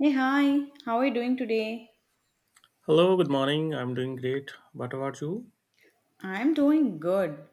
Hey, hi, how are you doing today? Hello, good morning. I'm doing great. What about you? I'm doing good.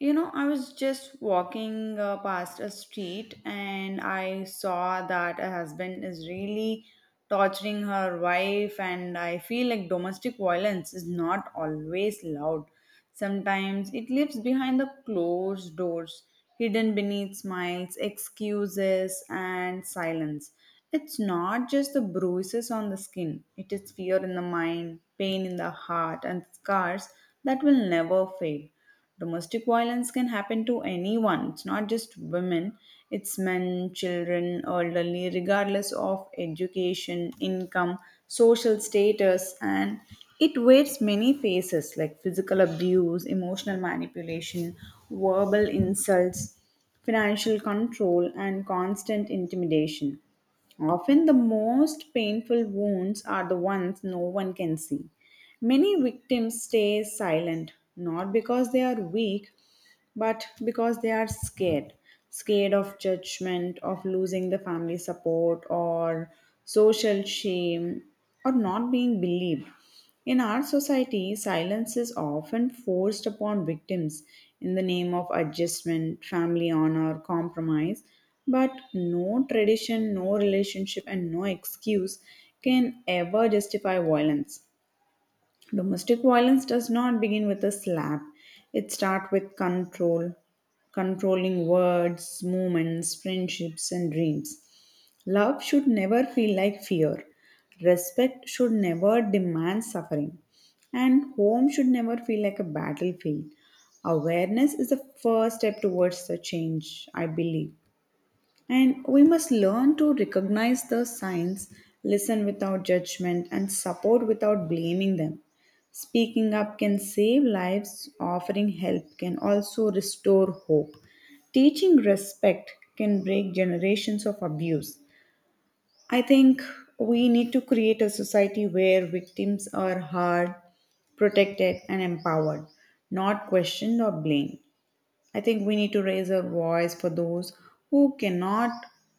You know, I was just walking past a street and I saw that a husband is really torturing her wife, and I feel like domestic violence is not always loud. Sometimes it lives behind the closed doors, hidden beneath smiles, excuses, and silence. It's not just the bruises on the skin, it is fear in the mind, pain in the heart, and scars that will never fade. Domestic violence can happen to anyone, it's not just women, it's men, children, elderly, regardless of education, income, social status, and it wears many faces like physical abuse, emotional manipulation, verbal insults, financial control, and constant intimidation. Often the most painful wounds are the ones no one can see. Many victims stay silent, not because they are weak, but because they are scared. Scared of judgment, of losing the family support, or social shame, or not being believed. In our society, silence is often forced upon victims in the name of adjustment, family honor, compromise. But no tradition, no relationship, and no excuse can ever justify violence. Domestic violence does not begin with a slap, it starts with control, controlling words, movements, friendships, and dreams. Love should never feel like fear. Respect should never demand suffering. And home should never feel like a battlefield. Awareness is the first step towards the change, I believe. And we must learn to recognize the signs, listen without judgment, and support without blaming them. Speaking up can save lives, offering help can also restore hope. Teaching respect can break generations of abuse, I think we need to create a society where victims are heard, protected, and empowered, not questioned or blamed. I think we need to raise our voice for those who cannot,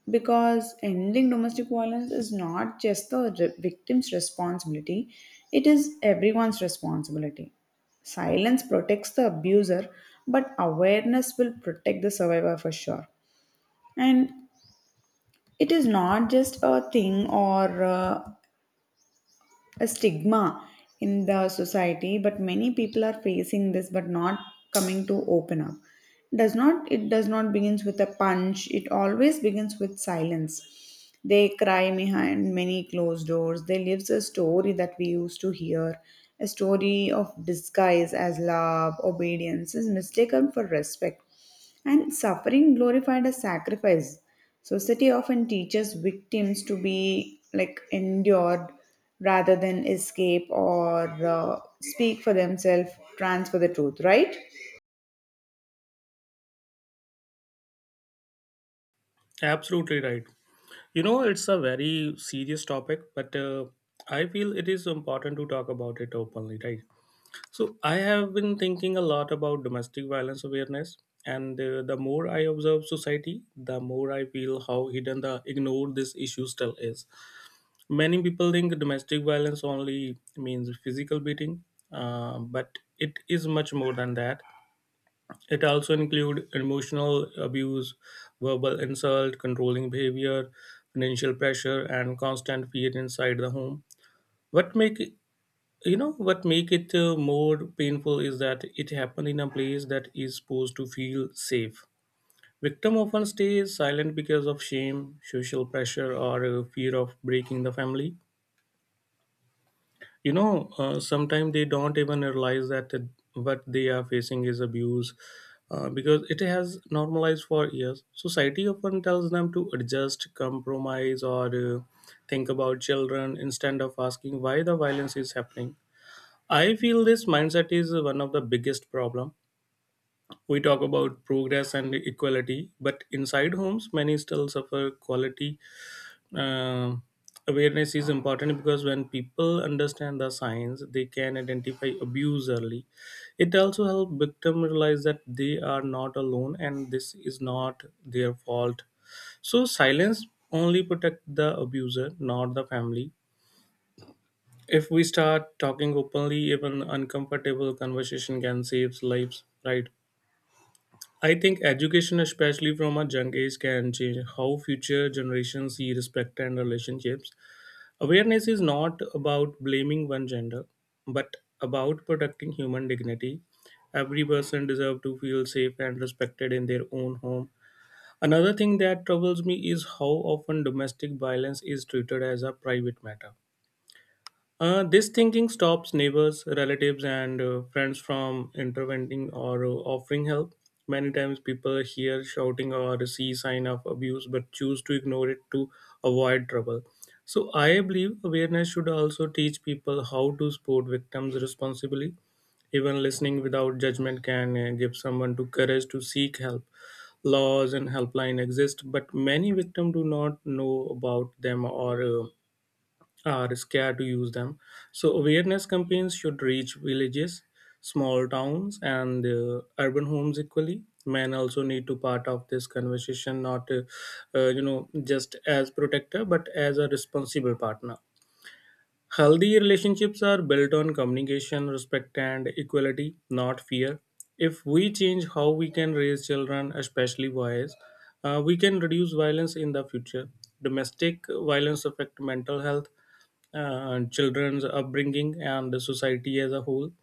because ending domestic violence is not just the victim's responsibility, it is everyone's responsibility. Silence protects the abuser, but awareness will protect the survivor for sure. And it is not just a thing or a stigma in the society, but many people are facing this but not coming to open up. Does not it does not begins with a punch, it always begins with silence. They cry behind many closed doors, they lives a story that we used to hear, a story of disguise as love, obedience is mistaken for respect, and suffering glorified as sacrifice. Society often teaches victims to be like endured rather than escape or speak for themselves. Transfer the truth, right? Absolutely right. You know, it's a very serious topic, but I feel it is important to talk about it openly, right? So, I have been thinking a lot about domestic violence awareness, and the more I observe society, the more I feel how hidden the ignored this issue still is. Many people think domestic violence only means physical beating, but it is much more than that. It also include emotional abuse, verbal insult, controlling behavior, financial pressure, and constant fear inside the home. What make it- you know what make it more painful is that it happened in a place that is supposed to feel safe. Victim often stays silent because of shame, social pressure, or fear of breaking the family. Sometimes they don't even realize that what they are facing is abuse, because it has normalized for years. Society often tells them to adjust, compromise, or think about children instead of asking why the violence is happening. I feel this mindset is one of the biggest problem. We talk about progress and equality, but inside homes many still suffer quality. uh, Awareness is important because when people understand the signs, they can identify abuse early. It also helps victims realize that they are not alone and this is not their fault. So silence only protect the abuser, not the family. If we start talking openly, even uncomfortable conversation can save lives, right? I think education, especially from a young age, can change how future generations see respect and relationships. Awareness is not about blaming one gender, but about protecting human dignity. Every person deserves to feel safe and respected in their own home. Another thing that troubles me is how often domestic violence is treated as a private matter. This thinking stops neighbors, relatives, and friends from intervening or offering help. Many times people hear shouting or see sign of abuse but choose to ignore it to avoid trouble. So I believe awareness should also teach people how to support victims responsibly. Even listening without judgment can give someone to courage to seek help. Laws and helpline exist, but many victims do not know about them or are scared to use them. So, awareness campaigns should reach villages, small towns, and urban homes equally. Men also need to part of this conversation, not you know, just as protector, but as a responsible partner. Healthy relationships are built on communication, respect, and equality, not fear. If we change how we can raise children, especially boys, we can reduce violence in the future. Domestic violence affect mental health, children's upbringing, and the society as a whole.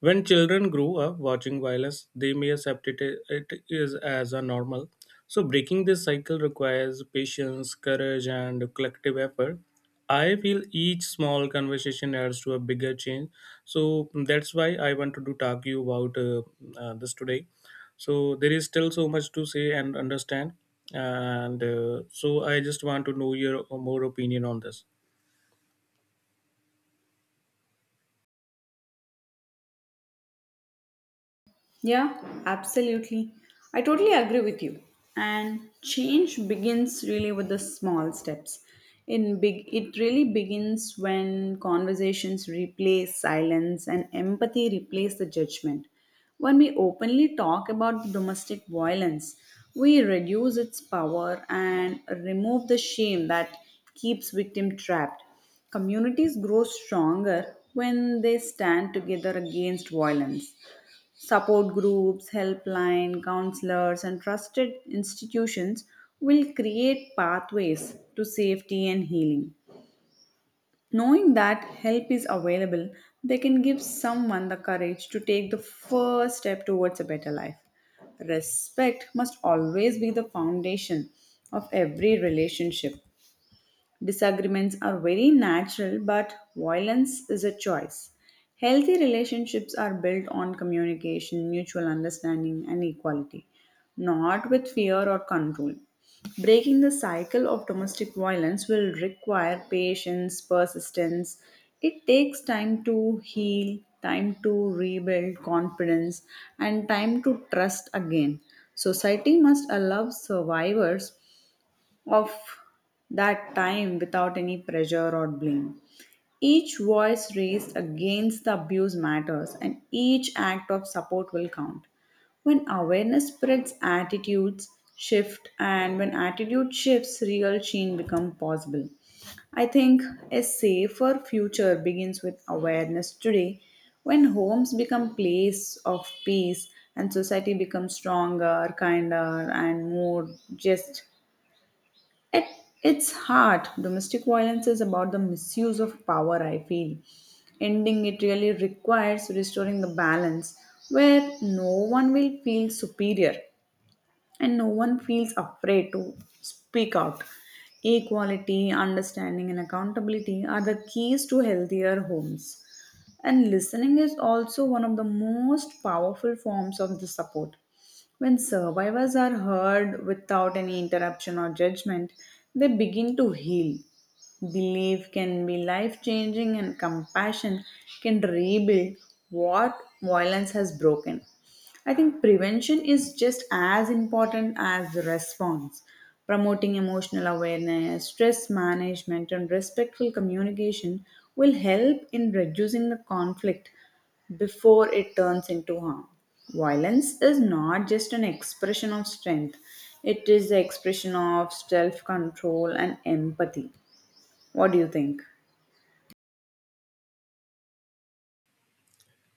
When children grow up watching violence, they may accept it, it is as a normal. So breaking this cycle requires patience, courage, and collective effort. I feel each small conversation adds to a bigger change. So that's why I wanted to do talk you about this today. So there is still so much to say and understand, and so I just want to know your more opinion on this. Yeah, absolutely. I totally agree with you. And change begins really with the small steps. In big it really begins when conversations replace silence and empathy replace the judgment. When we openly talk about domestic violence, we reduce its power and remove the shame that keeps victim trapped. Communities grow stronger when they stand together against violence. Support groups, helpline, counselors, and trusted institutions will create pathways to safety and healing. Knowing that help is available, they can give someone the courage to take the first step towards a better life. Respect must always be the foundation of every relationship. Disagreements are very natural, but violence is a choice. Healthy relationships are built on communication, mutual understanding, and equality, not with fear or control. Breaking the cycle of domestic violence will require patience, persistence. It takes time to heal, time to rebuild confidence, and time to trust again. Society must allow survivors of that time without any pressure or blame. Each voice raised against the abuse matters, and each act of support will count. When awareness spreads, attitudes shift, and when attitude shifts, real change becomes possible. I think a safer future begins with awareness today. When homes become place of peace and society becomes stronger, kinder, and more just at its heart, domestic violence is about the misuse of power, I feel. Ending it really requires restoring the balance where no one will feel superior and no one feels afraid to speak out. Equality, understanding, and accountability are the keys to healthier homes. And listening is also one of the most powerful forms of the support. When survivors are heard without any interruption or judgment, they begin to heal. Belief can be life changing, and compassion can rebuild what violence has broken. I think prevention is just as important as the response. Promoting emotional awareness, stress management, and respectful communication will help in reducing the conflict before it turns into harm. Violence is not just an expression of strength, it is the expression of self control and empathy. What do you think?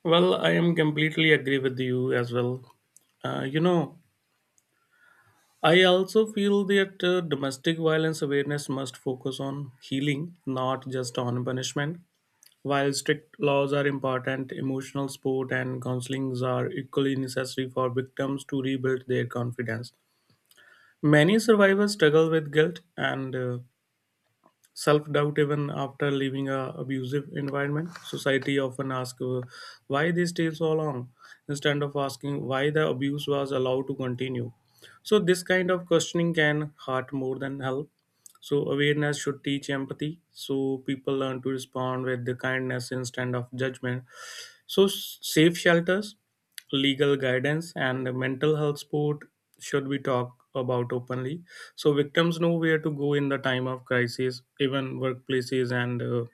Well, I am completely agree with you as well. You know, I also feel that domestic violence awareness must focus on healing, not just on punishment. While strict laws are important, emotional support and counselings are equally necessary for victims to rebuild their confidence. Many survivors struggle with guilt and self doubt even after leaving a abusive environment. Society often asks why they stay so long instead of asking why the abuse was allowed to continue. So this kind of questioning can hurt more than help. So awareness should teach empathy, so people learn to respond with the kindness instead of judgment. So, safe shelters, legal guidance, and mental health support should be talked about openly. So, victims know where to go in the time of crisis. Even workplaces and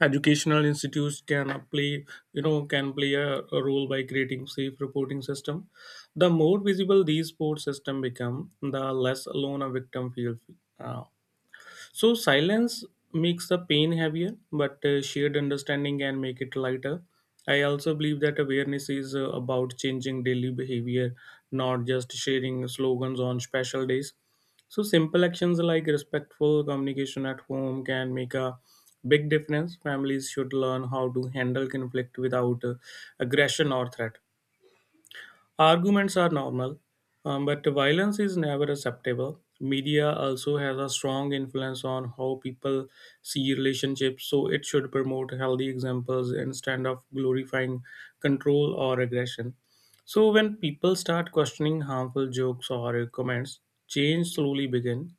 educational institutes can play, you know, can play a role by creating safe reporting system. The more visible these support system become, the less alone a victim feels. Uh, so silence makes the pain heavier, but shared understanding can make it lighter. I also believe that awareness is about changing daily behavior, not just sharing slogans on special days. So simple actions like respectful communication at home can make a big difference. Families should learn how to handle conflict without aggression or threat. Arguments are normal, but violence is never acceptable. Media also has a strong influence on how people see relationships, so it should promote healthy examples instead of glorifying control or aggression. So when people start questioning harmful jokes or comments, change slowly begin.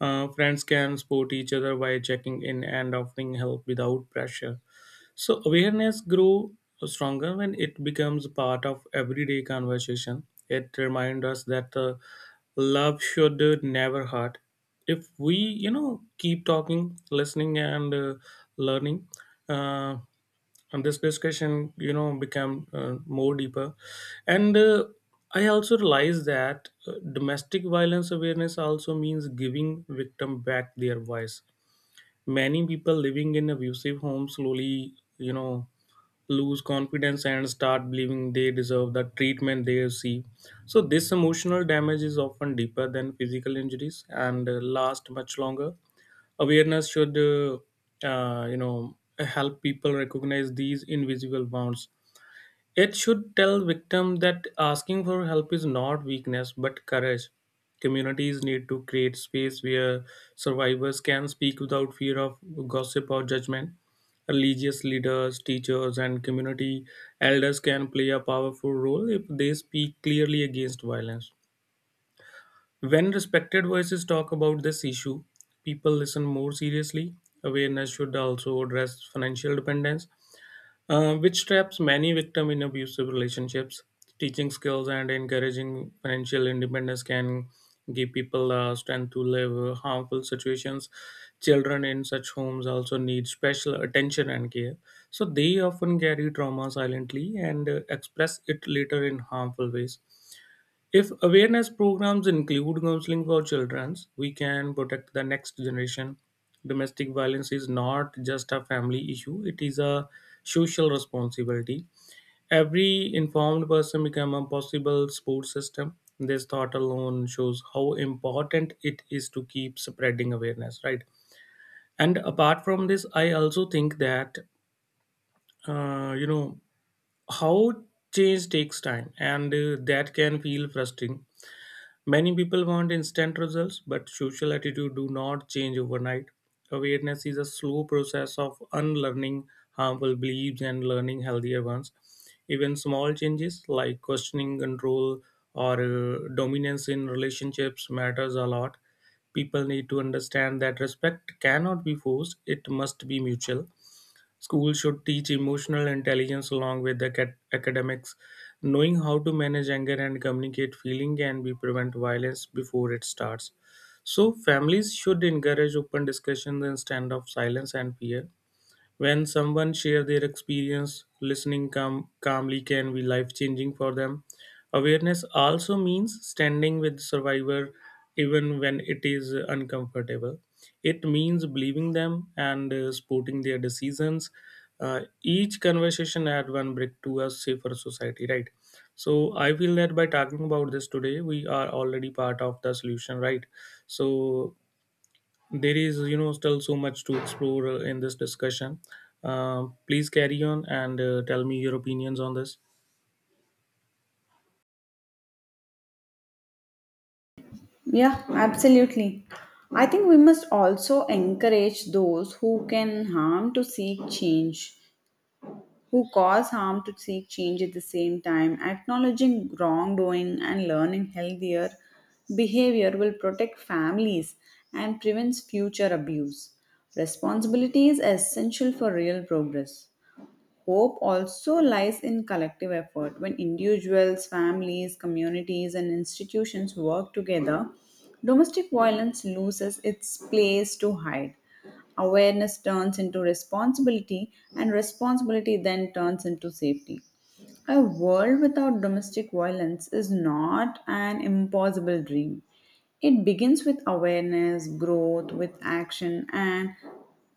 Friends can support each other by checking in and offering help without pressure. So awareness grew stronger when it becomes part of everyday conversation. It reminds us that love should never hurt. If we, you know, keep talking, listening, and learning, uh, and this discussion, you know, become more deeper. And I also realize that domestic violence awareness also means giving victim back their voice. Many people living in abusive homes slowly, you know, lose confidence and start believing they deserve the treatment they receive. So, this emotional damage is often deeper than physical injuries and last much longer. Awareness should, you know, help people recognize these invisible wounds. It should tell victims that asking for help is not weakness but courage. Communities need to create space where survivors can speak without fear of gossip or judgment. Religious leaders, teachers, and community elders can play a powerful role if they speak clearly against violence. When respected voices talk about this issue, people listen more seriously. Awareness should also address financial dependence, which traps many victims in abusive relationships. Teaching skills and encouraging financial independence can give people strength to live harmful situations. Children in such homes also need special attention and care, so they often carry trauma silently and express it later in harmful ways. If awareness programs include counseling for children, we can protect the next generation. Domestic violence is not just a family issue, it is a social responsibility. Every informed person becomes a possible support system. This thought alone shows how important it is to keep spreading awareness, right? And apart from this, I also think that, you know, how change takes time and that can feel frustrating. Many people want instant results, but social attitude do not change overnight. Awareness is a slow process of unlearning harmful beliefs and learning healthier ones. Even small changes like questioning control or dominance in relationships matters a lot. People need to understand that respect cannot be forced, it must be mutual. Schools should teach emotional intelligence along with the academics. Knowing how to manage anger and communicate feeling can be prevent violence before it starts. So families should encourage open discussions instead of silence and fear. When someone shares their experience, listening calmly can be life changing for them. Awareness also means standing with survivor even when it is uncomfortable. It means believing them and supporting their decisions. Each conversation add one brick to a safer society, right? So I feel that by talking about this today, we are already part of the solution, right? So there is, you know, still so much to explore in this discussion. Please carry on and tell me your opinions on this. Yeah, absolutely. I think we must also encourage those who can harm to seek change, who cause harm to seek change at the same time. Acknowledging wrongdoing and learning healthier behavior will protect families and prevents future abuse. Responsibility is essential for real progress. Hope also lies in collective effort. When individuals, families, communities, and institutions work together, domestic violence loses its place to hide. Awareness turns into responsibility, and responsibility then turns into safety. A world without domestic violence is not an impossible dream. It begins with awareness, growth, with action, and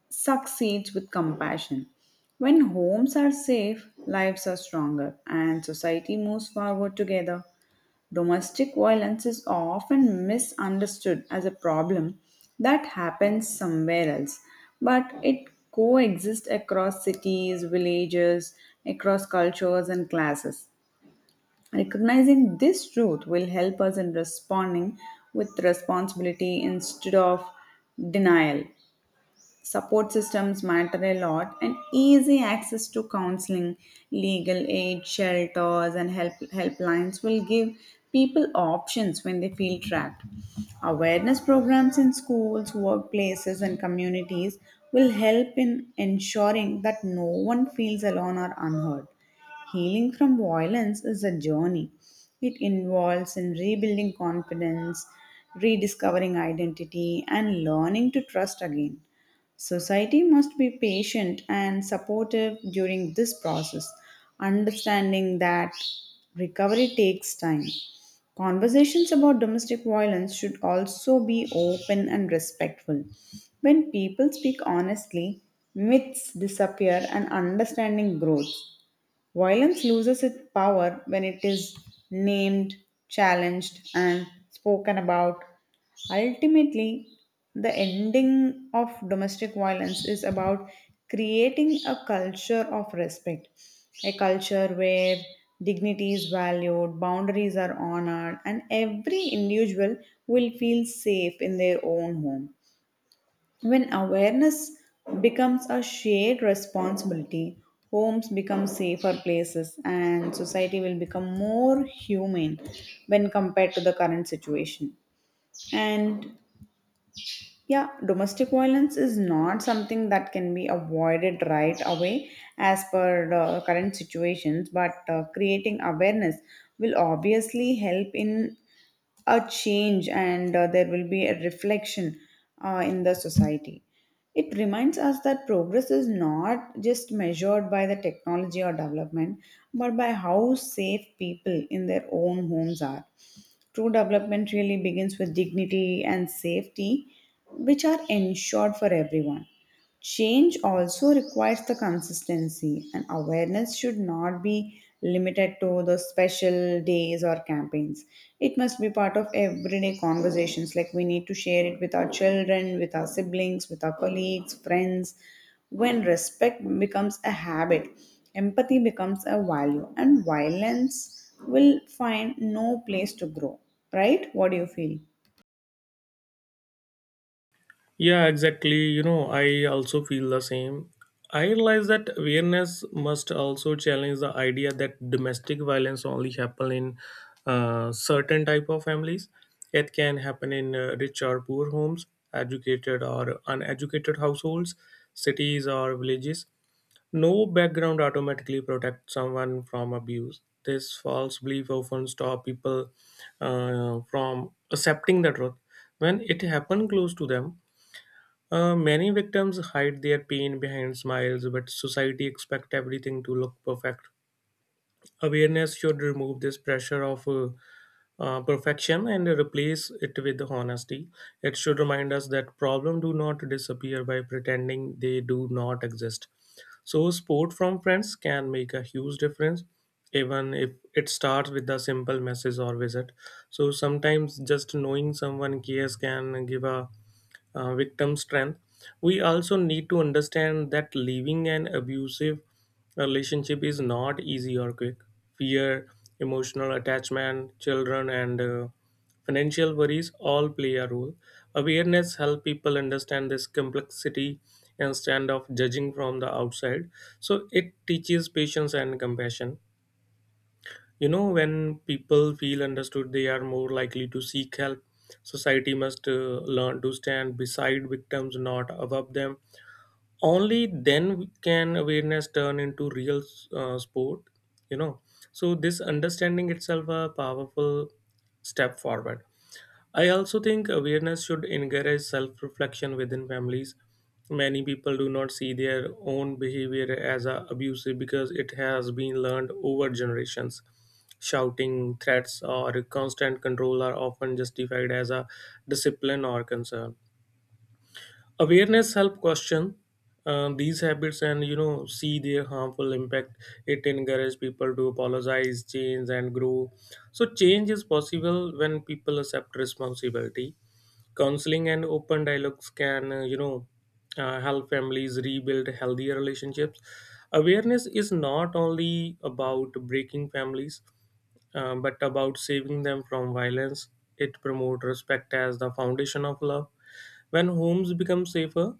succeeds with compassion. When homes are safe, lives are stronger, and society moves forward together. Domestic violence is often misunderstood as a problem that happens somewhere else, but it coexists across cities, villages, across cultures, and classes. Recognizing this truth will help us in responding with responsibility instead of denial. Support systems matter a lot, and easy access to counseling, legal aid, shelters, and help, helplines will give people options when they feel trapped. Awareness programs in schools, workplaces, and communities will help in ensuring that no one feels alone or unheard. Healing from violence is a journey. It involves in rebuilding confidence, rediscovering identity, and learning to trust again. Society must be patient and supportive during this process, understanding that recovery takes time. Conversations about domestic violence should also be open and respectful. When people speak honestly, myths disappear and understanding grows. Violence loses its power when it is named, challenged, and spoken about. Ultimately, the ending of domestic violence is about creating a culture of respect, a culture where dignity is valued, boundaries are honored, and every individual will feel safe in their own home. When awareness becomes a shared responsibility, homes become safer places and society will become more humane when compared to the current situation. And yeah, domestic violence is not something that can be avoided right away as per the current situations, but creating awareness will obviously help in a change, and there will be a reflection in the society. It reminds us that progress is not just measured by the technology or development, but by how safe people in their own homes are. True development really begins with dignity and safety, which are ensured for everyone. Change also requires the consistency, and awareness should not be limited to the special days or campaigns. It must be part of everyday conversations. Like we need to share it with our children, with our siblings, with our colleagues, friends. When respect becomes a habit, empathy becomes a value, and violence will find no place to grow. Right? What do you feel? Yeah, exactly. You know, I also feel the same. I realize that awareness must also challenge the idea that domestic violence only happen in certain type of families. It can happen in rich or poor homes, educated or uneducated households, cities or villages. No background automatically protects someone from abuse. This false belief often stops people from accepting the truth. When it happens close to them, many victims hide their pain behind smiles, but society expects everything to look perfect. Awareness should remove this pressure of perfection and replace it with honesty. It should remind us that problems do not disappear by pretending they do not exist. So, support from friends can make a huge difference, even if it starts with a simple message or visit. So, sometimes just knowing someone cares can give a victim strength. We also need to understand that leaving an abusive relationship is not easy or quick. Fear, emotional attachment, children, and financial worries all play a role. Awareness helps people understand this complexity instead of judging from the outside. So it teaches patience and compassion. You know, when people feel understood, they are more likely to seek help. Society must learn to stand beside victims, not above them. Only then can awareness turn into real support. You know, so this understanding itself a powerful step forward. I also think awareness should encourage self reflection within families. Many people do not see their own behavior as a abusive because it has been learned over generations. Shouting, threats, or constant control are often justified as a discipline or concern. Awareness help question these habits and you know see their harmful impact. It encourages people to apologize, change, and grow. So change is possible when people accept responsibility counseling and open dialogues can help families rebuild healthier relationships. Awareness is not only about breaking families, but about saving them from violence. It promotes respect as the foundation of love. When homes become safer,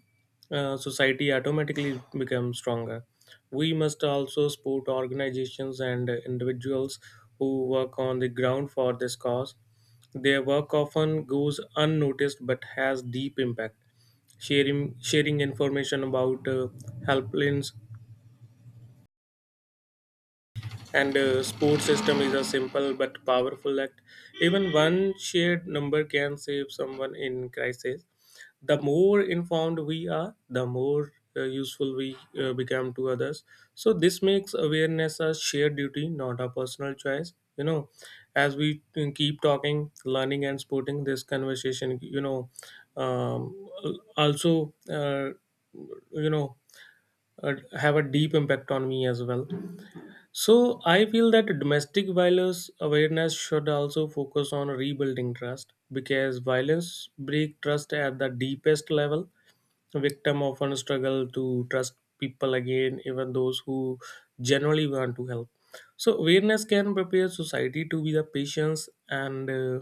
society automatically becomes stronger. We must also support organizations and individuals who work on the ground for this cause. Their work often goes unnoticed but has deep impact. Sharing information about helplines and sports system is a simple but powerful act. Even one shared number can save someone in crisis. The more informed we are, the more useful we become to others. So this makes awareness a shared duty, not a personal choice. You know, as we keep talking, learning and sporting this conversation, you know, um, also uh, you know uh, have a deep impact on me as well. So I feel that domestic violence awareness should also focus on rebuilding trust, because violence break trust at the deepest level. Victim often struggle to trust people again, even those who generally want to help. So awareness can prepare society to be the patience and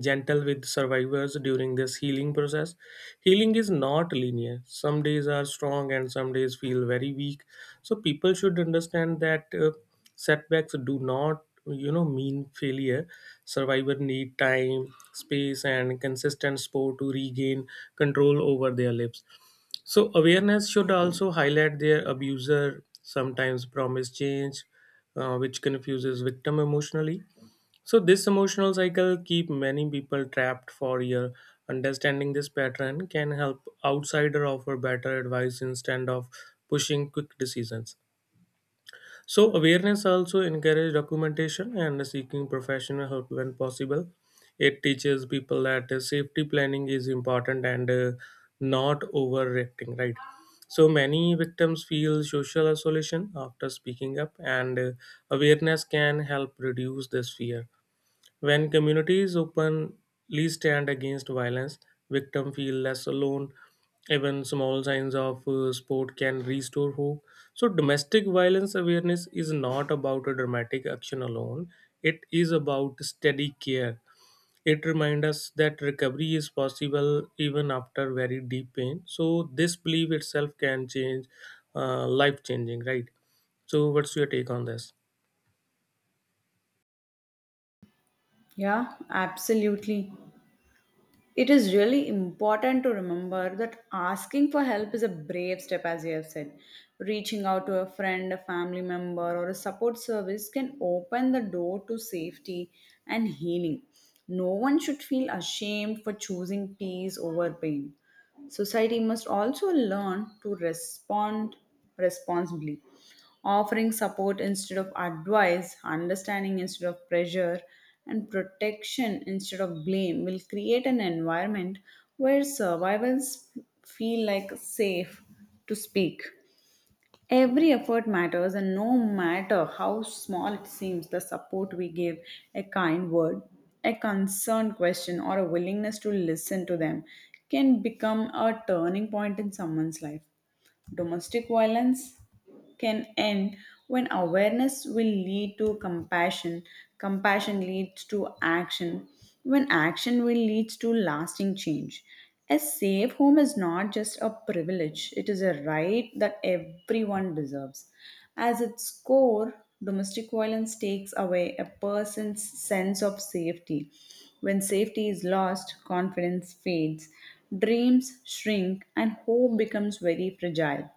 gentle with survivors during this healing process. Healing is not linear. Some days are strong and some days feel very weak. So people should understand that setbacks do not you know mean failure. Survivor need time, space and consistent support to regain control over their lives. So awareness should also highlight their abuser sometimes promise change, which confuses victim emotionally. So this emotional cycle keep many people trapped for year. Understanding this pattern can help outsider offer better advice instead of pushing quick decisions. So awareness also encourages documentation and seeking professional help when possible. It teaches people that safety planning is important and not overreacting, right? So many victims feel social isolation after speaking up, and awareness can help reduce this fear. When communities openly stand against violence, victims feel less alone. Even small signs of support can restore hope. So, domestic violence awareness is not about a dramatic action alone, it is about steady care. It reminds us that recovery is possible even after very deep pain. So, this belief itself can change, life changing, right? So, what's your take on this? Yeah, absolutely. It is really important to remember that asking for help is a brave step, as you have said. Reaching out to a friend, a family member, or a support service can open the door to safety and healing. No one should feel ashamed for choosing peace over pain. Society must also learn to respond responsibly, offering support instead of advice, understanding instead of pressure, and protection instead of blame will create an environment where survivors feel like safe to speak. Every effort matters, and no matter how small it seems, the support we give, a kind word, a concerned question, or a willingness to listen to them can become a turning point in someone's life. Domestic violence can end when awareness will lead to compassion, compassion leads to action, when action will lead to lasting change. A safe home is not just a privilege, it is a right that everyone deserves. As its core, domestic violence takes away a person's sense of safety. When safety is lost, confidence fades, dreams shrink, and hope becomes very fragile.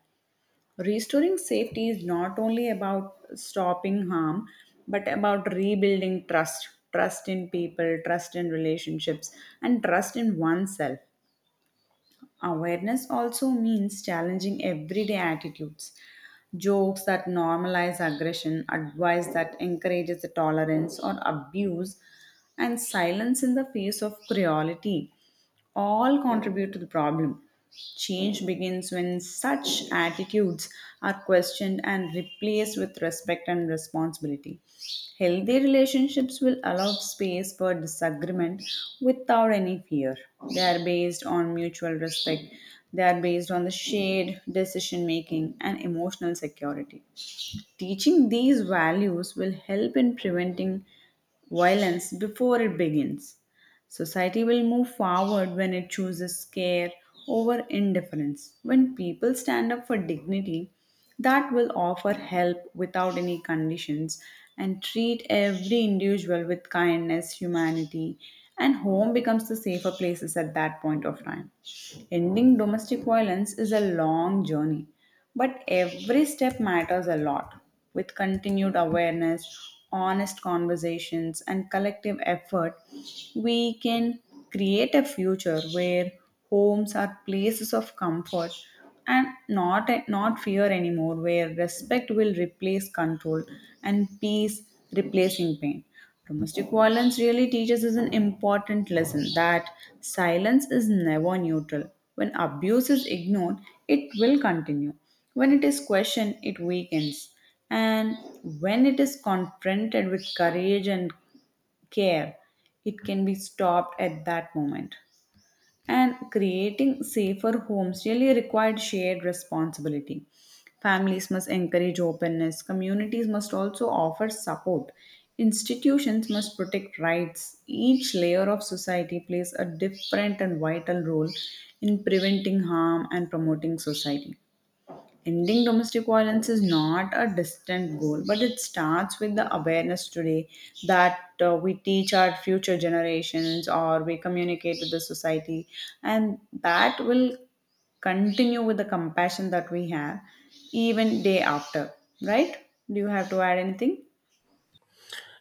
Restoring safety is not only about stopping harm, but about rebuilding trust, trust in people, trust in relationships, and trust in oneself. Awareness also means challenging everyday attitudes. Jokes that normalize aggression, advice that encourages the tolerance or abuse, and silence in the face of cruelty all contribute to the problem. Change begins when such attitudes are questioned and replaced with respect and responsibility. Healthy relationships will allow space for disagreement without any fear. They are based on mutual respect, they are based on the shared decision making and emotional security. Teaching these values will help in preventing violence before it begins. Society will move forward when it chooses care over indifference. When people stand up for dignity, that will offer help without any conditions and treat every individual with kindness, humanity, and home becomes the safer places at that point of time. Ending domestic violence is a long journey, but every step matters a lot. With continued awareness, honest conversations, and collective effort, we can create a future where homes are places of comfort and not fear anymore, where respect will replace control and peace replacing pain. Domestic violence really teaches us an important lesson that silence is never neutral. When abuse is ignored, it will continue. When it is questioned, it weakens. And when it is confronted with courage and care, it can be stopped at that moment, and creating safer homes really required shared responsibility. Families must encourage openness, communities must also offer support, institutions must protect rights. Each layer of society plays a different and vital role in preventing harm and promoting society. Ending domestic violence is not a distant goal, but it starts with the awareness today that we teach our future generations or we communicate to the society, and that will continue with the compassion that we have even day after. Right? Do you have to add anything?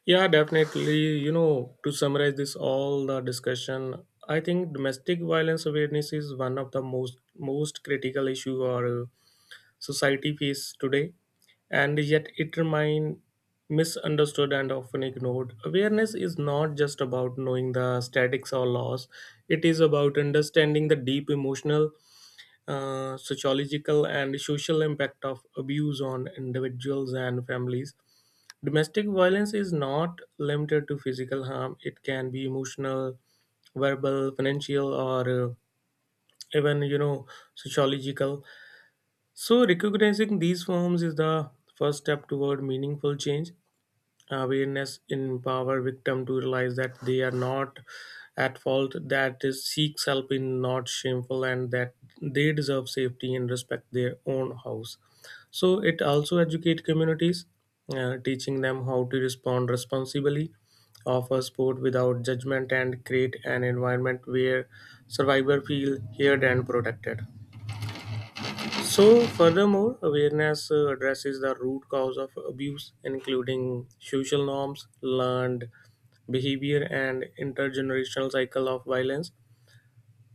Yeah, definitely. You know, to summarize this all the discussion, I think domestic violence awareness is one of the most critical issue our society face today, and yet it remain misunderstood and often ignored. Awareness is not just about knowing the statics or laws; it is about understanding the deep emotional, sociological, and social impact of abuse on individuals and families. Domestic violence is not limited to physical harm. It can be emotional, verbal, financial, or uh, even sociological. So recognizing these forms is the first step toward meaningful change. Awareness empower victim to realize that they are not at fault, that they seek help is not shameful, and that they deserve safety and respect their own house. So it also educate communities, teaching them how to respond responsibly, offer support without judgment, and create an environment where survivors feel heard and protected. So, furthermore, awareness addresses the root cause of abuse, including social norms, learned behavior, and intergenerational cycle of violence.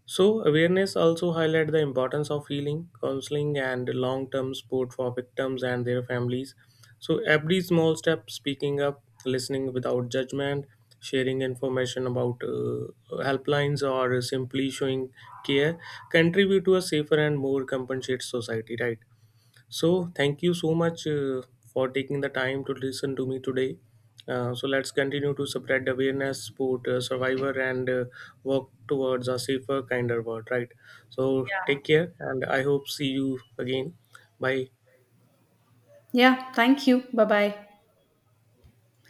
So, awareness also highlights the importance of healing, counseling, and long-term support for victims and their families. So, every small step, speaking up, listening without judgment, sharing information about helplines, or simply showing care, contribute to a safer and more compensate society. Right. So, thank you so much for taking the time to listen to me today. So, let's continue to spread awareness, support survivor, and work towards a safer, kinder world, right? So, take care, and I hope see you again. Bye. Yeah, thank you. Bye bye.